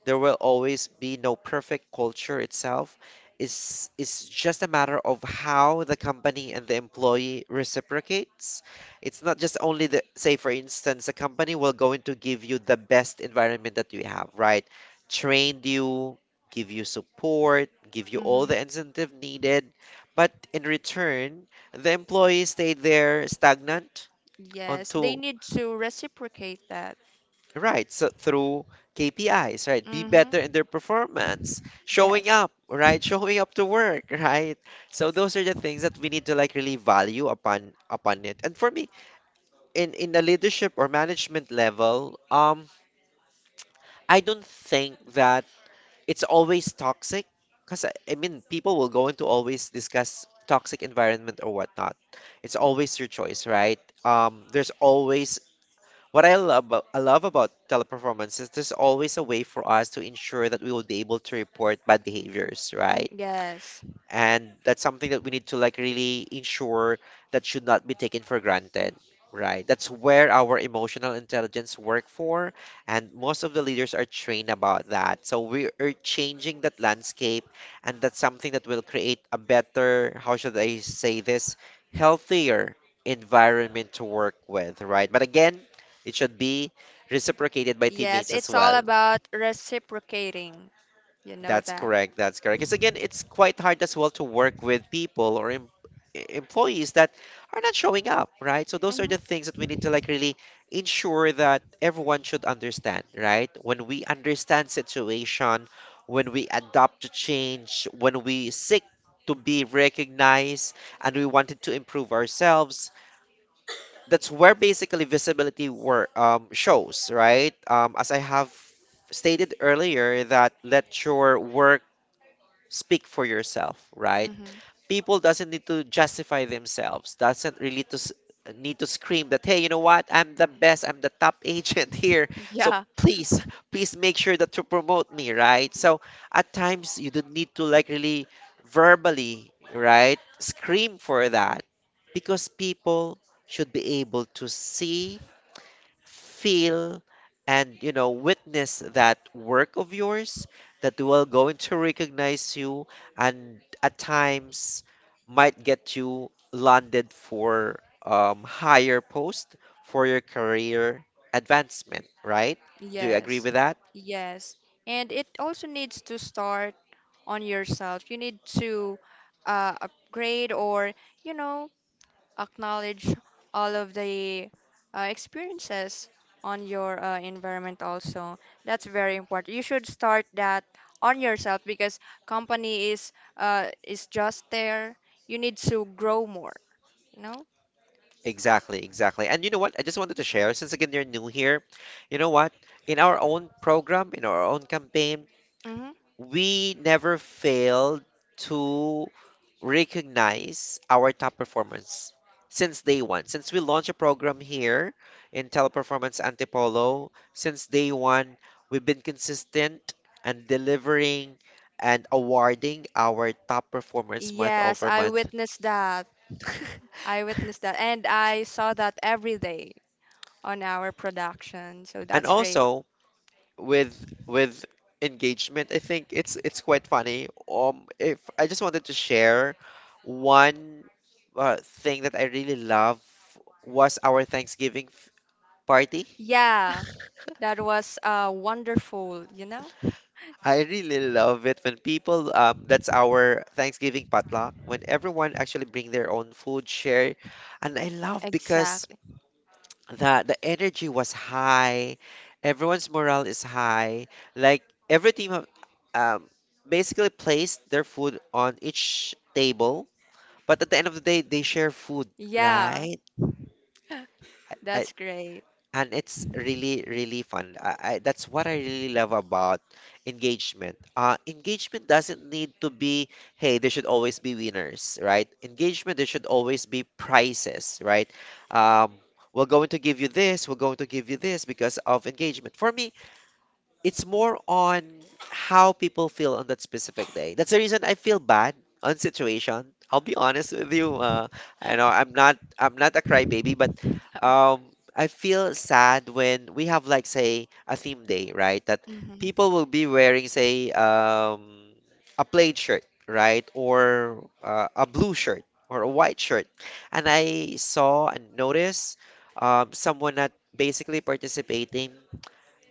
Speaker 1: there will always be no perfect culture itself. It's just a matter of how the company and the employee reciprocates. It's not just only the, say, for instance, a company will going to give you the best environment that you have, right? Train you, give you support, give you all
Speaker 2: Hmm.
Speaker 1: the incentive needed. But in return, the employee stayed there stagnant
Speaker 2: Yes. They
Speaker 1: until.
Speaker 2: need to reciprocate that.
Speaker 1: Right, so through KPIs, right? Be
Speaker 2: Hmm.
Speaker 1: better in their performance, showing
Speaker 2: Yes.
Speaker 1: up, right? Showing up to work, right? So those are the things that we need to like really value upon it. And for me, in the leadership or management level, I don't think that it's always toxic, because I mean people will go into always discuss toxic environment or whatnot. It's always your choice, right? There's always what I love, I love about teleperformance is there's always a way for us to ensure that we will be able to report bad behaviors, right?
Speaker 2: Yes.
Speaker 1: And that's something that we need to like really ensure that should not be taken for granted, right? That's where our emotional intelligence work for, and most of the leaders are trained about that, so we are changing that landscape. And that's something that will create a better, how should I say this, healthier environment to work with, right? But again, it should be reciprocated by
Speaker 2: Yes.
Speaker 1: teammates as
Speaker 2: It's all
Speaker 1: well.
Speaker 2: about reciprocating. You know
Speaker 1: That's
Speaker 2: that.
Speaker 1: correct. That's correct. Because again, it's quite hard as well to work with people or employees that are not showing up, right? So those are the
Speaker 2: Hmm.
Speaker 1: things that we need to like really ensure that everyone should understand, right? When we understand situation, when we adapt to change, when we seek to be recognized, and we wanted to improve ourselves, that's where basically visibility wor shows, right? As I have stated earlier, that let your work speak for yourself, right?
Speaker 2: Hmm.
Speaker 1: People doesn't need to justify themselves. Doesn't really to need to scream that, hey, you know what? I'm the best. I'm the top agent here. So
Speaker 2: Yeah.
Speaker 1: please, please make sure that to promote me, right? So at times you don't need to like really verbally, right? Scream for that because people should be able to see, feel, and you know witness that work of yours that will going to recognize you, and at times might get you landed for higher post for your career advancement, right? Do you agree
Speaker 2: Yes.
Speaker 1: with that?
Speaker 2: Yes. And it also needs to start on yourself. You need to upgrade or, you know, acknowledge all of the experiences on your environment also. That's very important. You should start that on yourself because company is just there. You need to grow more, you know?
Speaker 1: Exactly, exactly. And you know what, I just wanted to share, since again you're new here, you know what, in our own program, in our own campaign,
Speaker 2: Hmm.
Speaker 1: we never failed to recognize our top performers since day one. Since we launched a program here in Teleperformance Antipolo, since day one, we've been consistent and delivering and awarding our top performers month
Speaker 2: Yes,
Speaker 1: over
Speaker 2: I
Speaker 1: month.
Speaker 2: witnessed that. I witnessed that. And I saw that every day on our production. So
Speaker 1: And
Speaker 2: that's great.
Speaker 1: also, with engagement, I think it's quite funny. If I just wanted to share one uh, thing that I really love was our Thanksgiving party.
Speaker 2: Yeah, that was wonderful, you know?
Speaker 1: I really love it when people, that's our Thanksgiving potluck, when everyone actually bring their own food share. And I love because
Speaker 2: Exactly.
Speaker 1: the energy was high, everyone's morale is high, like every team have, um, basically placed their food on each table, but at the end of the day they share food,
Speaker 2: Yeah,
Speaker 1: right? I,
Speaker 2: that's great.
Speaker 1: and it's really really fun. That's what I really love about engagement. Engagement doesn't need to be, hey, there should always be winners, right? Engagement, there should always be prizes, right? um, we're going to give you this, we're going to give you this because of engagement. For me, it's more on how people feel on that specific day. That's the reason I feel bad on situation. I'll be honest with you. I know I'm not a crybaby, but um, I feel sad when we have like say a theme day, right? That
Speaker 2: Hmm.
Speaker 1: people will be wearing say, a plaid shirt, right, or a blue shirt or a white shirt, and I saw and noticed, someone not basically participating.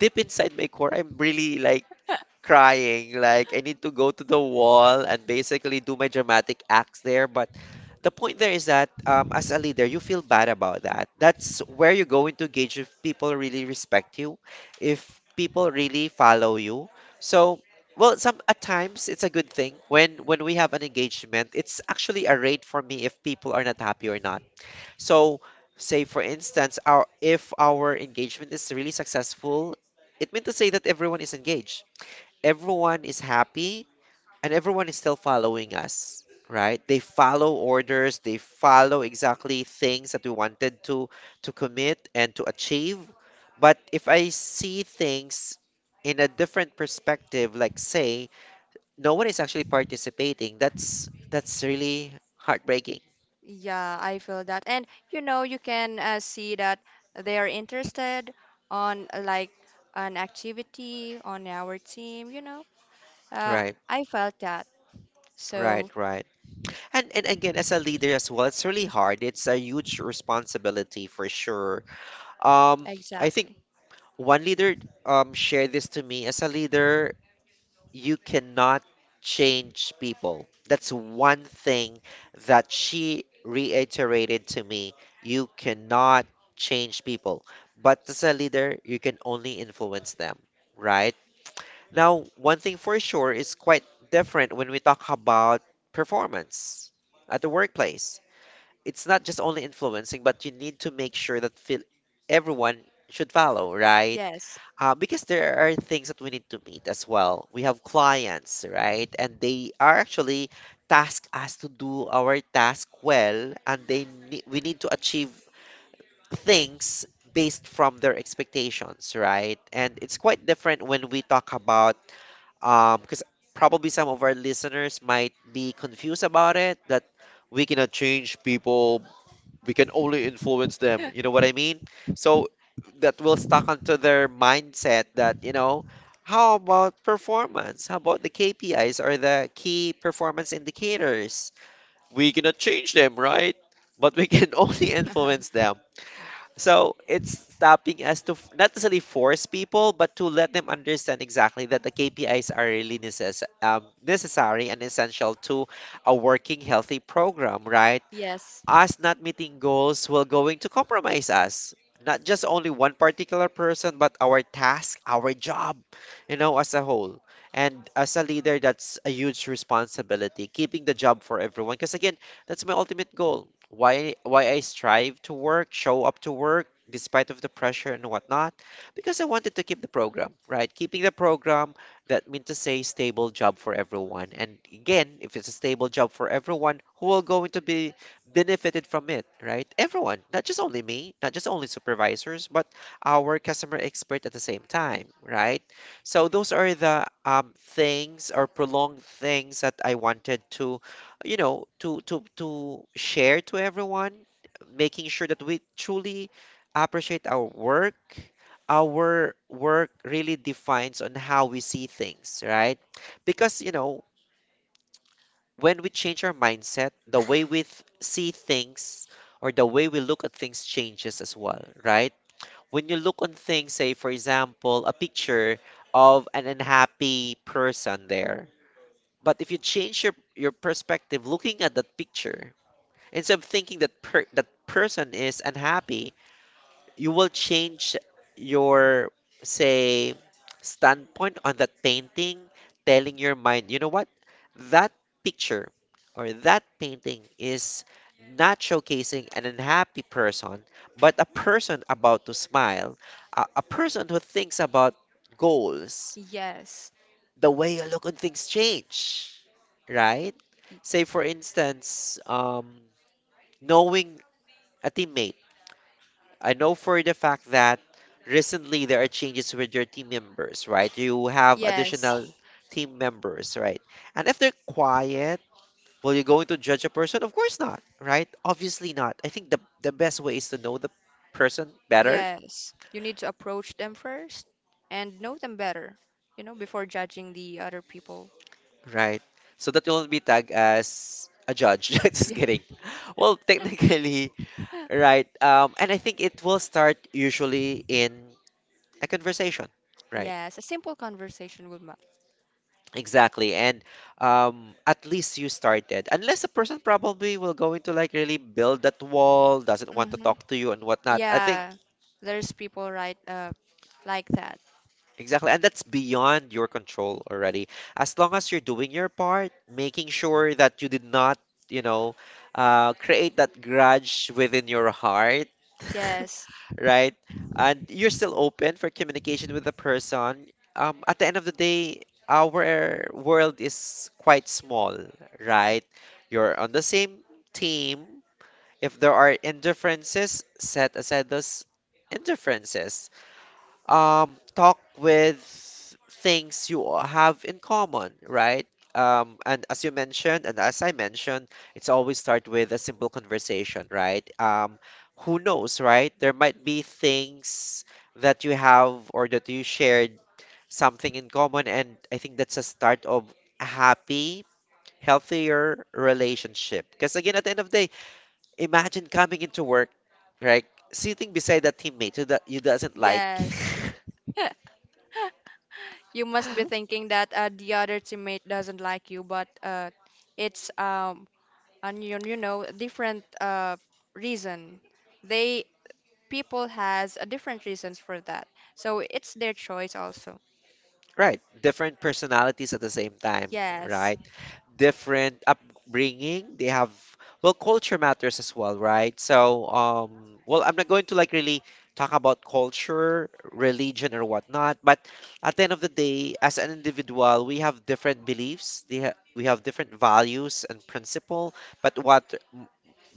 Speaker 1: Deep inside my core, I'm really like crying. Like I need to go to the wall and basically do my dramatic acts there. But the point there is that, as a leader, you feel bad about that. That's where you're going to gauge if people really respect you, if people really follow you. So. Well, some at times it's a good thing when we have an engagement. It's actually a rate for me if people are not happy or not. So, say for instance, our if our engagement is really successful, it meant to say that everyone is engaged, everyone is happy, and everyone is still following us, right? They follow orders, they follow exactly things that we wanted to commit and to achieve. But if I see things in a different perspective, like say no one is actually participating, that's really heartbreaking,
Speaker 2: Yeah, I feel that. And you know, you can see that they are interested on like an activity on our team, you know. Uh,
Speaker 1: right?
Speaker 2: I felt that.
Speaker 1: Right,
Speaker 2: So,
Speaker 1: right. And again, as a leader as well, it's really hard. It's a huge responsibility for sure. Um, I think
Speaker 2: exactly.
Speaker 1: one leader shared this to me. As a leader, you cannot change people. That's one thing that she reiterated to me. You cannot change people, but as a leader, you can only influence them, right? Now, one thing for sure is quite different when we talk about performance at the workplace. It's not just only influencing, but you need to make sure that feel everyone should follow, right?
Speaker 2: Yes.
Speaker 1: Because there are things that we need to meet as well. We have clients, right? And they are actually task us to do our task well, and we need to achieve things based from their expectations, right? And it's quite different when we talk about, because probably some of our listeners might be confused about it, that we cannot change people, we can only influence them. You know what I mean? So that will stuck onto their mindset that, you know, how about performance? How about the KPIs or the key performance indicators? We cannot change them, right? But we can only influence them. So it's stopping us to not necessarily force people, but to let them understand exactly that the KPIs are really necessary and essential to a working healthy program, right?
Speaker 2: Yes.
Speaker 1: Us not meeting goals will going to compromise us, not just only one particular person, but our task, our job, you know, as a whole. And as a leader, that's a huge responsibility, keeping the job for everyone. Because again, that's my ultimate goal. Why I strive to work, show up to work despite of the pressure and whatnot, because I wanted to keep the program, right? Keeping the program, that means to say stable job for everyone. And again, if it's a stable job for everyone, who will going to be benefited from it, right? Everyone, not just only me, not just only supervisors, but our customer expert at the same time, right? So those are the, things or prolonged things that I wanted to, you know, to share to everyone, making sure that we truly appreciate our work. Our work really defines on how we see things, right? Because you know, when we change our mindset, the way we see things or the way we look at things changes as well, right? When you look on things, say for example, a picture of an unhappy person there. But if you change your perspective looking at that picture, instead of thinking that that person is unhappy, you will change your, say, standpoint on that painting, telling your mind, you know what, that picture or that painting is not showcasing an unhappy person but a person about to smile, a person who thinks about goals.
Speaker 2: Yes.
Speaker 1: The way you look on things change, right? Say for instance, knowing a teammate, I know for the fact that recently there are changes with your team members, right? You have
Speaker 2: Yes,
Speaker 1: additional team members, right? And if they're quiet, will you going to judge a person? Of course not, right? Obviously not. I think the best way is to know the person better,
Speaker 2: yes. You need to approach them first and know them better, you know, before judging the other people.
Speaker 1: right? So that you'll not be tagged as a judge. Just
Speaker 2: Yeah.
Speaker 1: kidding. Well, technically, right? And I think it will start usually in a conversation, right?
Speaker 2: Yes, a simple conversation will matter.
Speaker 1: Exactly. And at least you started. Unless a person probably will go into like really build that wall, doesn't want to
Speaker 2: Hmm.
Speaker 1: talk to you and whatnot. I think
Speaker 2: Yeah, there's people right like that.
Speaker 1: exactly. And that's beyond your control already. As long as you're doing your part, making sure that you did not, you know, create that grudge within your heart,
Speaker 2: Yes,
Speaker 1: right? And you're still open for communication with the person. At the end of the day, our world is quite small, right? You're on the same team. If there are indifferences, set aside those indifferences talk with things you all have in common, right? And as you mentioned, and as I mentioned, it's always start with a simple conversation, right? Who knows, right? There might be things that you have or that you shared something in common, and I think that's a start of a happy, healthier relationship. Because again, at the end of the day, imagine coming into work, right? Sitting beside that teammate who that you doesn't like.
Speaker 2: yes. You must be thinking that the other teammate doesn't like you, but it's and you know a different reason. They People has a different reasons for that, so it's their choice also.
Speaker 1: Right. Different personalities at the same time,
Speaker 2: Yes,
Speaker 1: right? Different upbringing. They have, well, culture matters as well, right? So, well, I'm not going to like really talk about culture, religion, or whatnot, but at the end of the day, as an individual, we have different beliefs. They ha We have different values and principle, but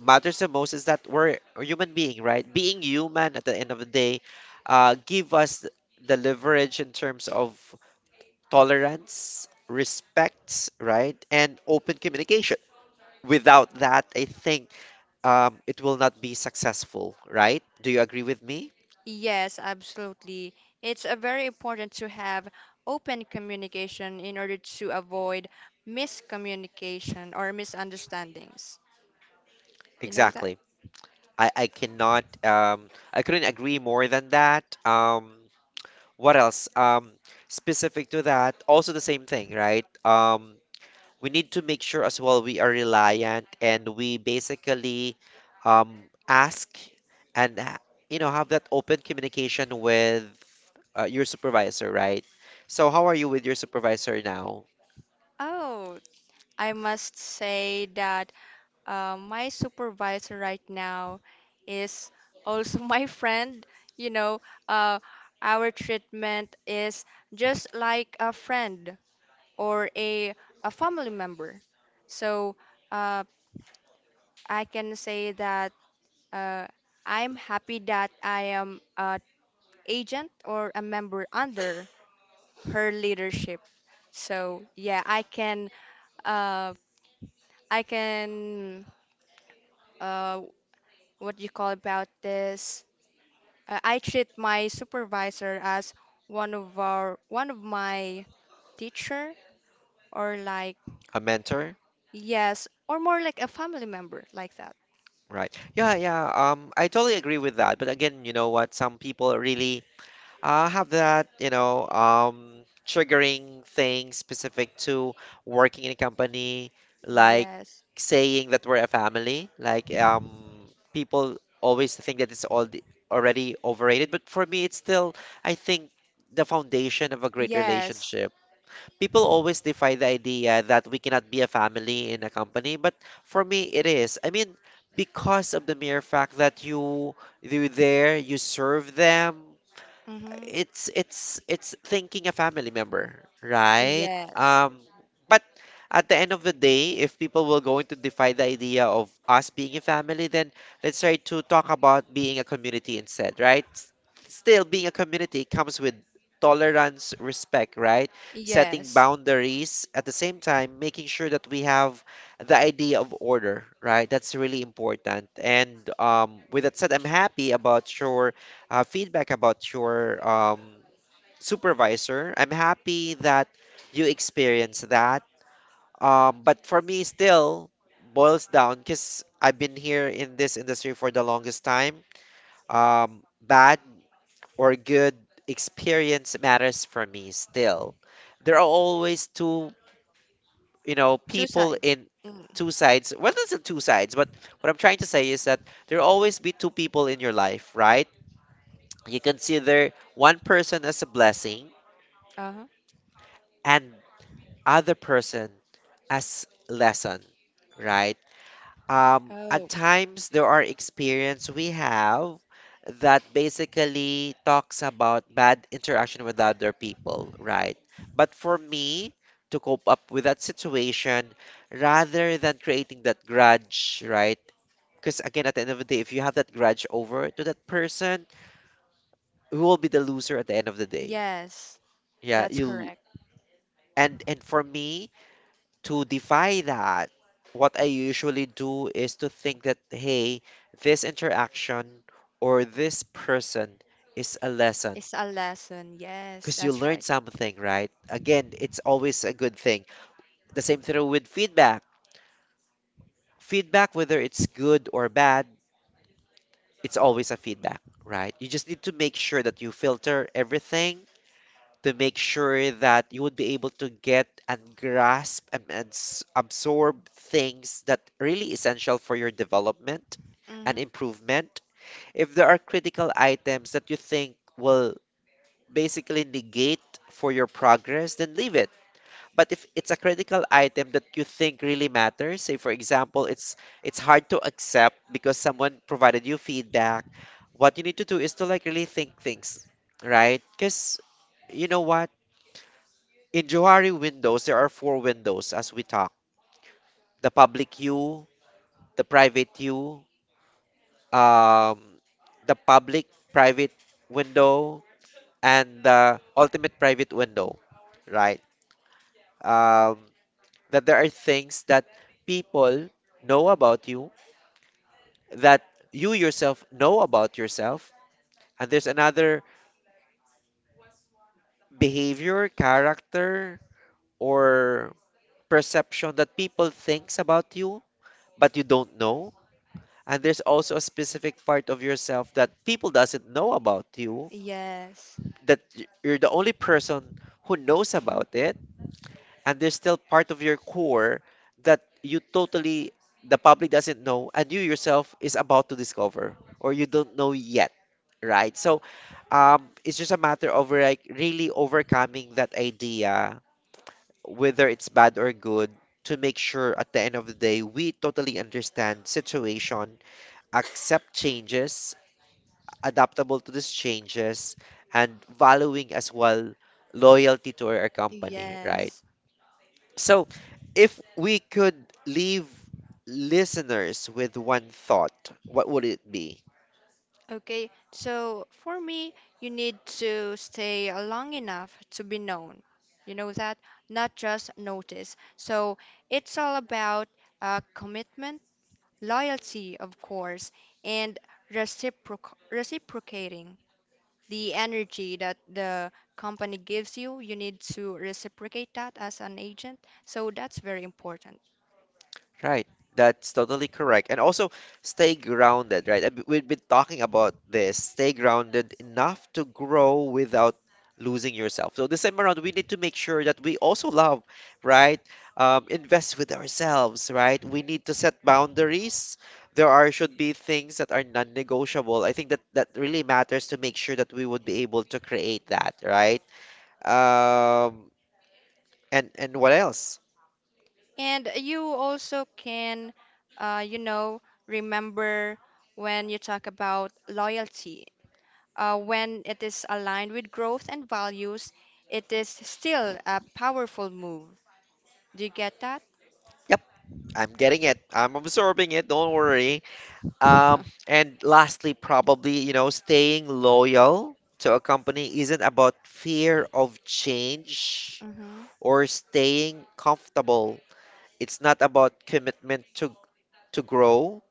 Speaker 1: matters the most is that we're a human being, right? Being human at the end of the day, give us the leverage in terms of tolerance, respect, right, and open communication. Without that, I think it will not be successful, right? Do you agree with me?
Speaker 2: yes, absolutely. It's a very important to have open communication in order to avoid miscommunication or misunderstandings. You know that?
Speaker 1: Exactly. I cannot, I couldn't agree more than that. What else? Specific to that, also the same thing, right? We need to make sure as well we are reliant and we basically um, ask and, ha- you know, have that open communication with your supervisor, right? So how are you with your supervisor now?
Speaker 2: Oh, I must say that my supervisor right now is also my friend. You know, uh, our treatment is just like a friend or a family member. So uh, I can say that uh, I'm happy that I am an agent or a member under her leadership. So yeah, uh, I can uh, what do you call about this? I treat my supervisor as one of my teacher or like
Speaker 1: A mentor,
Speaker 2: yes, or more like a family member like that.
Speaker 1: right? Yeah, yeah. I totally agree with that. But again, you know what? Some people really have that, triggering thing specific to working in a company, like
Speaker 2: Yes.
Speaker 1: saying that we're a family. People always think that it's all the, already overrated. But for me, it's still, I think, the foundation of a great
Speaker 2: Yes.
Speaker 1: relationship people always defy the idea that we cannot be a family in a company, but for me, it is. I mean, because of the mere fact that you're there, you serve them,
Speaker 2: Mm-hmm.
Speaker 1: it's thinking a family member, right?
Speaker 2: Yes.
Speaker 1: Um, but at the end of the day, if people will going to defy the idea of us being a family, then let's try to talk about being a community instead, right? Still, being a community comes with tolerance, respect, right? Setting
Speaker 2: Yes.
Speaker 1: boundaries at the same time, making sure that we have the idea of order, right? That's really important. And with that said, I'm happy about your feedback about your supervisor. I'm happy that you experienced that. But for me, still boils down because I've been here in this industry for the longest time. Bad or good experience matters for me still. There are always two, you know,
Speaker 2: Two
Speaker 1: people
Speaker 2: sides.
Speaker 1: in
Speaker 2: Mm.
Speaker 1: two sides. Well, not two sides, but what I'm trying to say is that there will always be two people in your life, right? You consider one person as a blessing
Speaker 2: Uh-huh.
Speaker 1: and other person as lesson, right? At
Speaker 2: Oh.
Speaker 1: times there are experience we have that basically talks about bad interaction with other people, right? But for me to cope up with that situation rather than creating that grudge, right? Because again, at the end of the day, if you have that grudge over to that person, who will be the loser at the end of the day?
Speaker 2: Yes.
Speaker 1: Yeah,
Speaker 2: That's
Speaker 1: you.
Speaker 2: correct.
Speaker 1: And for me to defy that, what I usually do is to think that hey, this interaction or this person is a lesson
Speaker 2: It's a lesson. Yes,
Speaker 1: because you
Speaker 2: that's
Speaker 1: learn
Speaker 2: right.
Speaker 1: something, right? Again, it's always a good thing. The same thing with feedback. Feedback, whether it's good or bad, it's always a feedback, right? You just need to make sure that you filter everything to make sure that you would be able to get and grasp and absorb things that really essential for your development and
Speaker 2: Mm-hmm.
Speaker 1: improvement. If there are critical items that you think will basically negate for your progress, then leave it. But if it's a critical item that you think really matters, say for example, it's hard to accept because someone provided you feedback, what you need to do is to like really think things, right? Because you know what? In Johari Windows, there are four windows as we talk. The public view, the private view, um, the public private window, and the ultimate private window, right? Um, that there are things that people know about you, that you yourself know about yourself, and there's another behavior, character, or perception that people thinks about you, but you don't know, and there's also a specific part of yourself that people doesn't know about you
Speaker 2: Yes,
Speaker 1: that you're the only person who knows about it, and there's still part of your core that you totally the public doesn't know and you yourself is about to discover or you don't know yet, right? So it's just a matter of like really overcoming that idea, whether it's bad or good, to make sure at the end of the day we totally understand situation, accept changes, adaptable to these changes, and valuing as well loyalty to our company, right?
Speaker 2: yes.
Speaker 1: So, if we could leave listeners with one thought, what would it be?
Speaker 2: Okay, so for me, you need to stay long enough to be known. You know that? Not just notice. So it's all about commitment, loyalty, of course, and reciprocating the energy that the company gives you. You need to reciprocate that as an agent. So that's very important.
Speaker 1: Right. That's totally correct. And also stay grounded, right? And we've been talking about this. Stay grounded enough to grow without losing yourself. So this time around, we need to make sure that we also love, right? Invest with ourselves, right? We need to set boundaries. There are should be things that are non-negotiable. I think that that really matters to make sure that we would be able to create that, right? Um, and what else?
Speaker 2: And you also can, you know, remember when you talk about loyalty, when it is aligned with growth and values, it is still a powerful move. Do you get that?
Speaker 1: Yep, I'm getting it. I'm absorbing it. Don't worry. Um, and lastly, probably, you know, staying loyal to a company isn't about fear of change
Speaker 2: Hmm.
Speaker 1: or staying comfortable. It's not about commitment to grow,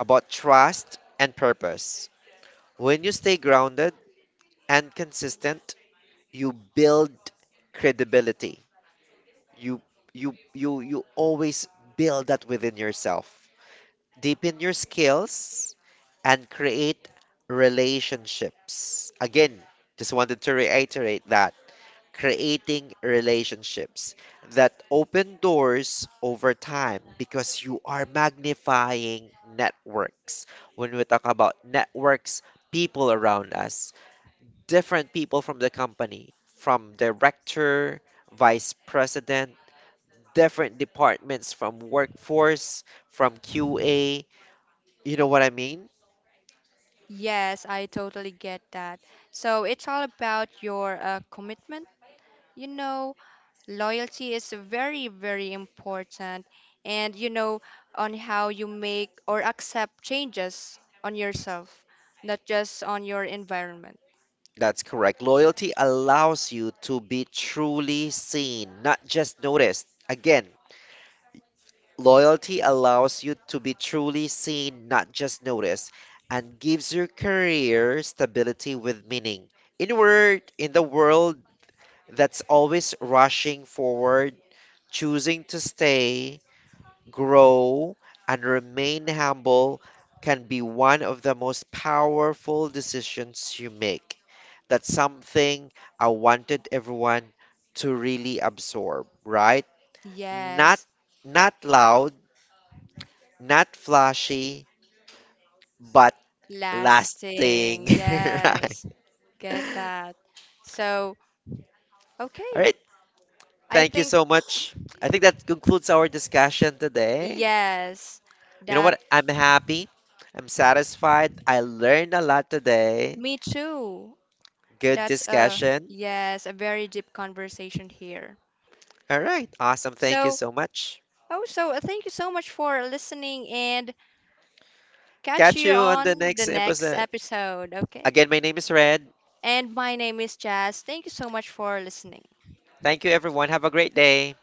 Speaker 1: about trust and purpose. When you stay grounded and consistent, you build credibility. You you always build that within yourself, deepen your skills, and create relationships. Again, just wanted to reiterate that creating relationships that open doors over time because you are magnifying networks. When we talk about networks, people around us, different people from the company, from director, vice president, different departments from workforce, from QA, you know what I mean?
Speaker 2: Yes, I totally get that. So it's all about your commitment. You know, loyalty is very, very important, and you know, on how you make or accept changes on yourself, not just on your environment.
Speaker 1: That's correct. Loyalty allows you to be truly seen, not just noticed. Again, loyalty allows you to be truly seen, not just noticed, and gives your career stability with meaning. In word, in the world that's always rushing forward, choosing to stay grow, and remain humble can be one of the most powerful decisions you make. That's something I wanted everyone to really absorb, right? Not
Speaker 2: Yes,
Speaker 1: not loud, not flashy, but lasting,
Speaker 2: lasting.
Speaker 1: right?
Speaker 2: Yes, get that. So,
Speaker 1: All
Speaker 2: okay,
Speaker 1: right.
Speaker 2: I
Speaker 1: Thank you
Speaker 2: think,
Speaker 1: so much. I think
Speaker 2: mm,
Speaker 1: that concludes our discussion today.
Speaker 2: yes,
Speaker 1: You know
Speaker 2: that
Speaker 1: what? I'm happy. I'm satisfied. I learned a lot today.
Speaker 2: me too.
Speaker 1: Good
Speaker 2: That's a
Speaker 1: discussion.
Speaker 2: yes, a very deep conversation here.
Speaker 1: All right. Awesome. Thank you
Speaker 2: So,
Speaker 1: so much.
Speaker 2: oh, so, thank you so much for listening and catch
Speaker 1: Catch
Speaker 2: you
Speaker 1: you on the
Speaker 2: on the
Speaker 1: next
Speaker 2: next
Speaker 1: episode.
Speaker 2: episode, okay?
Speaker 1: Again, my name is Red.
Speaker 2: And my name is Jazz. Thank you so much for listening.
Speaker 1: Thank you, everyone. Have a great day.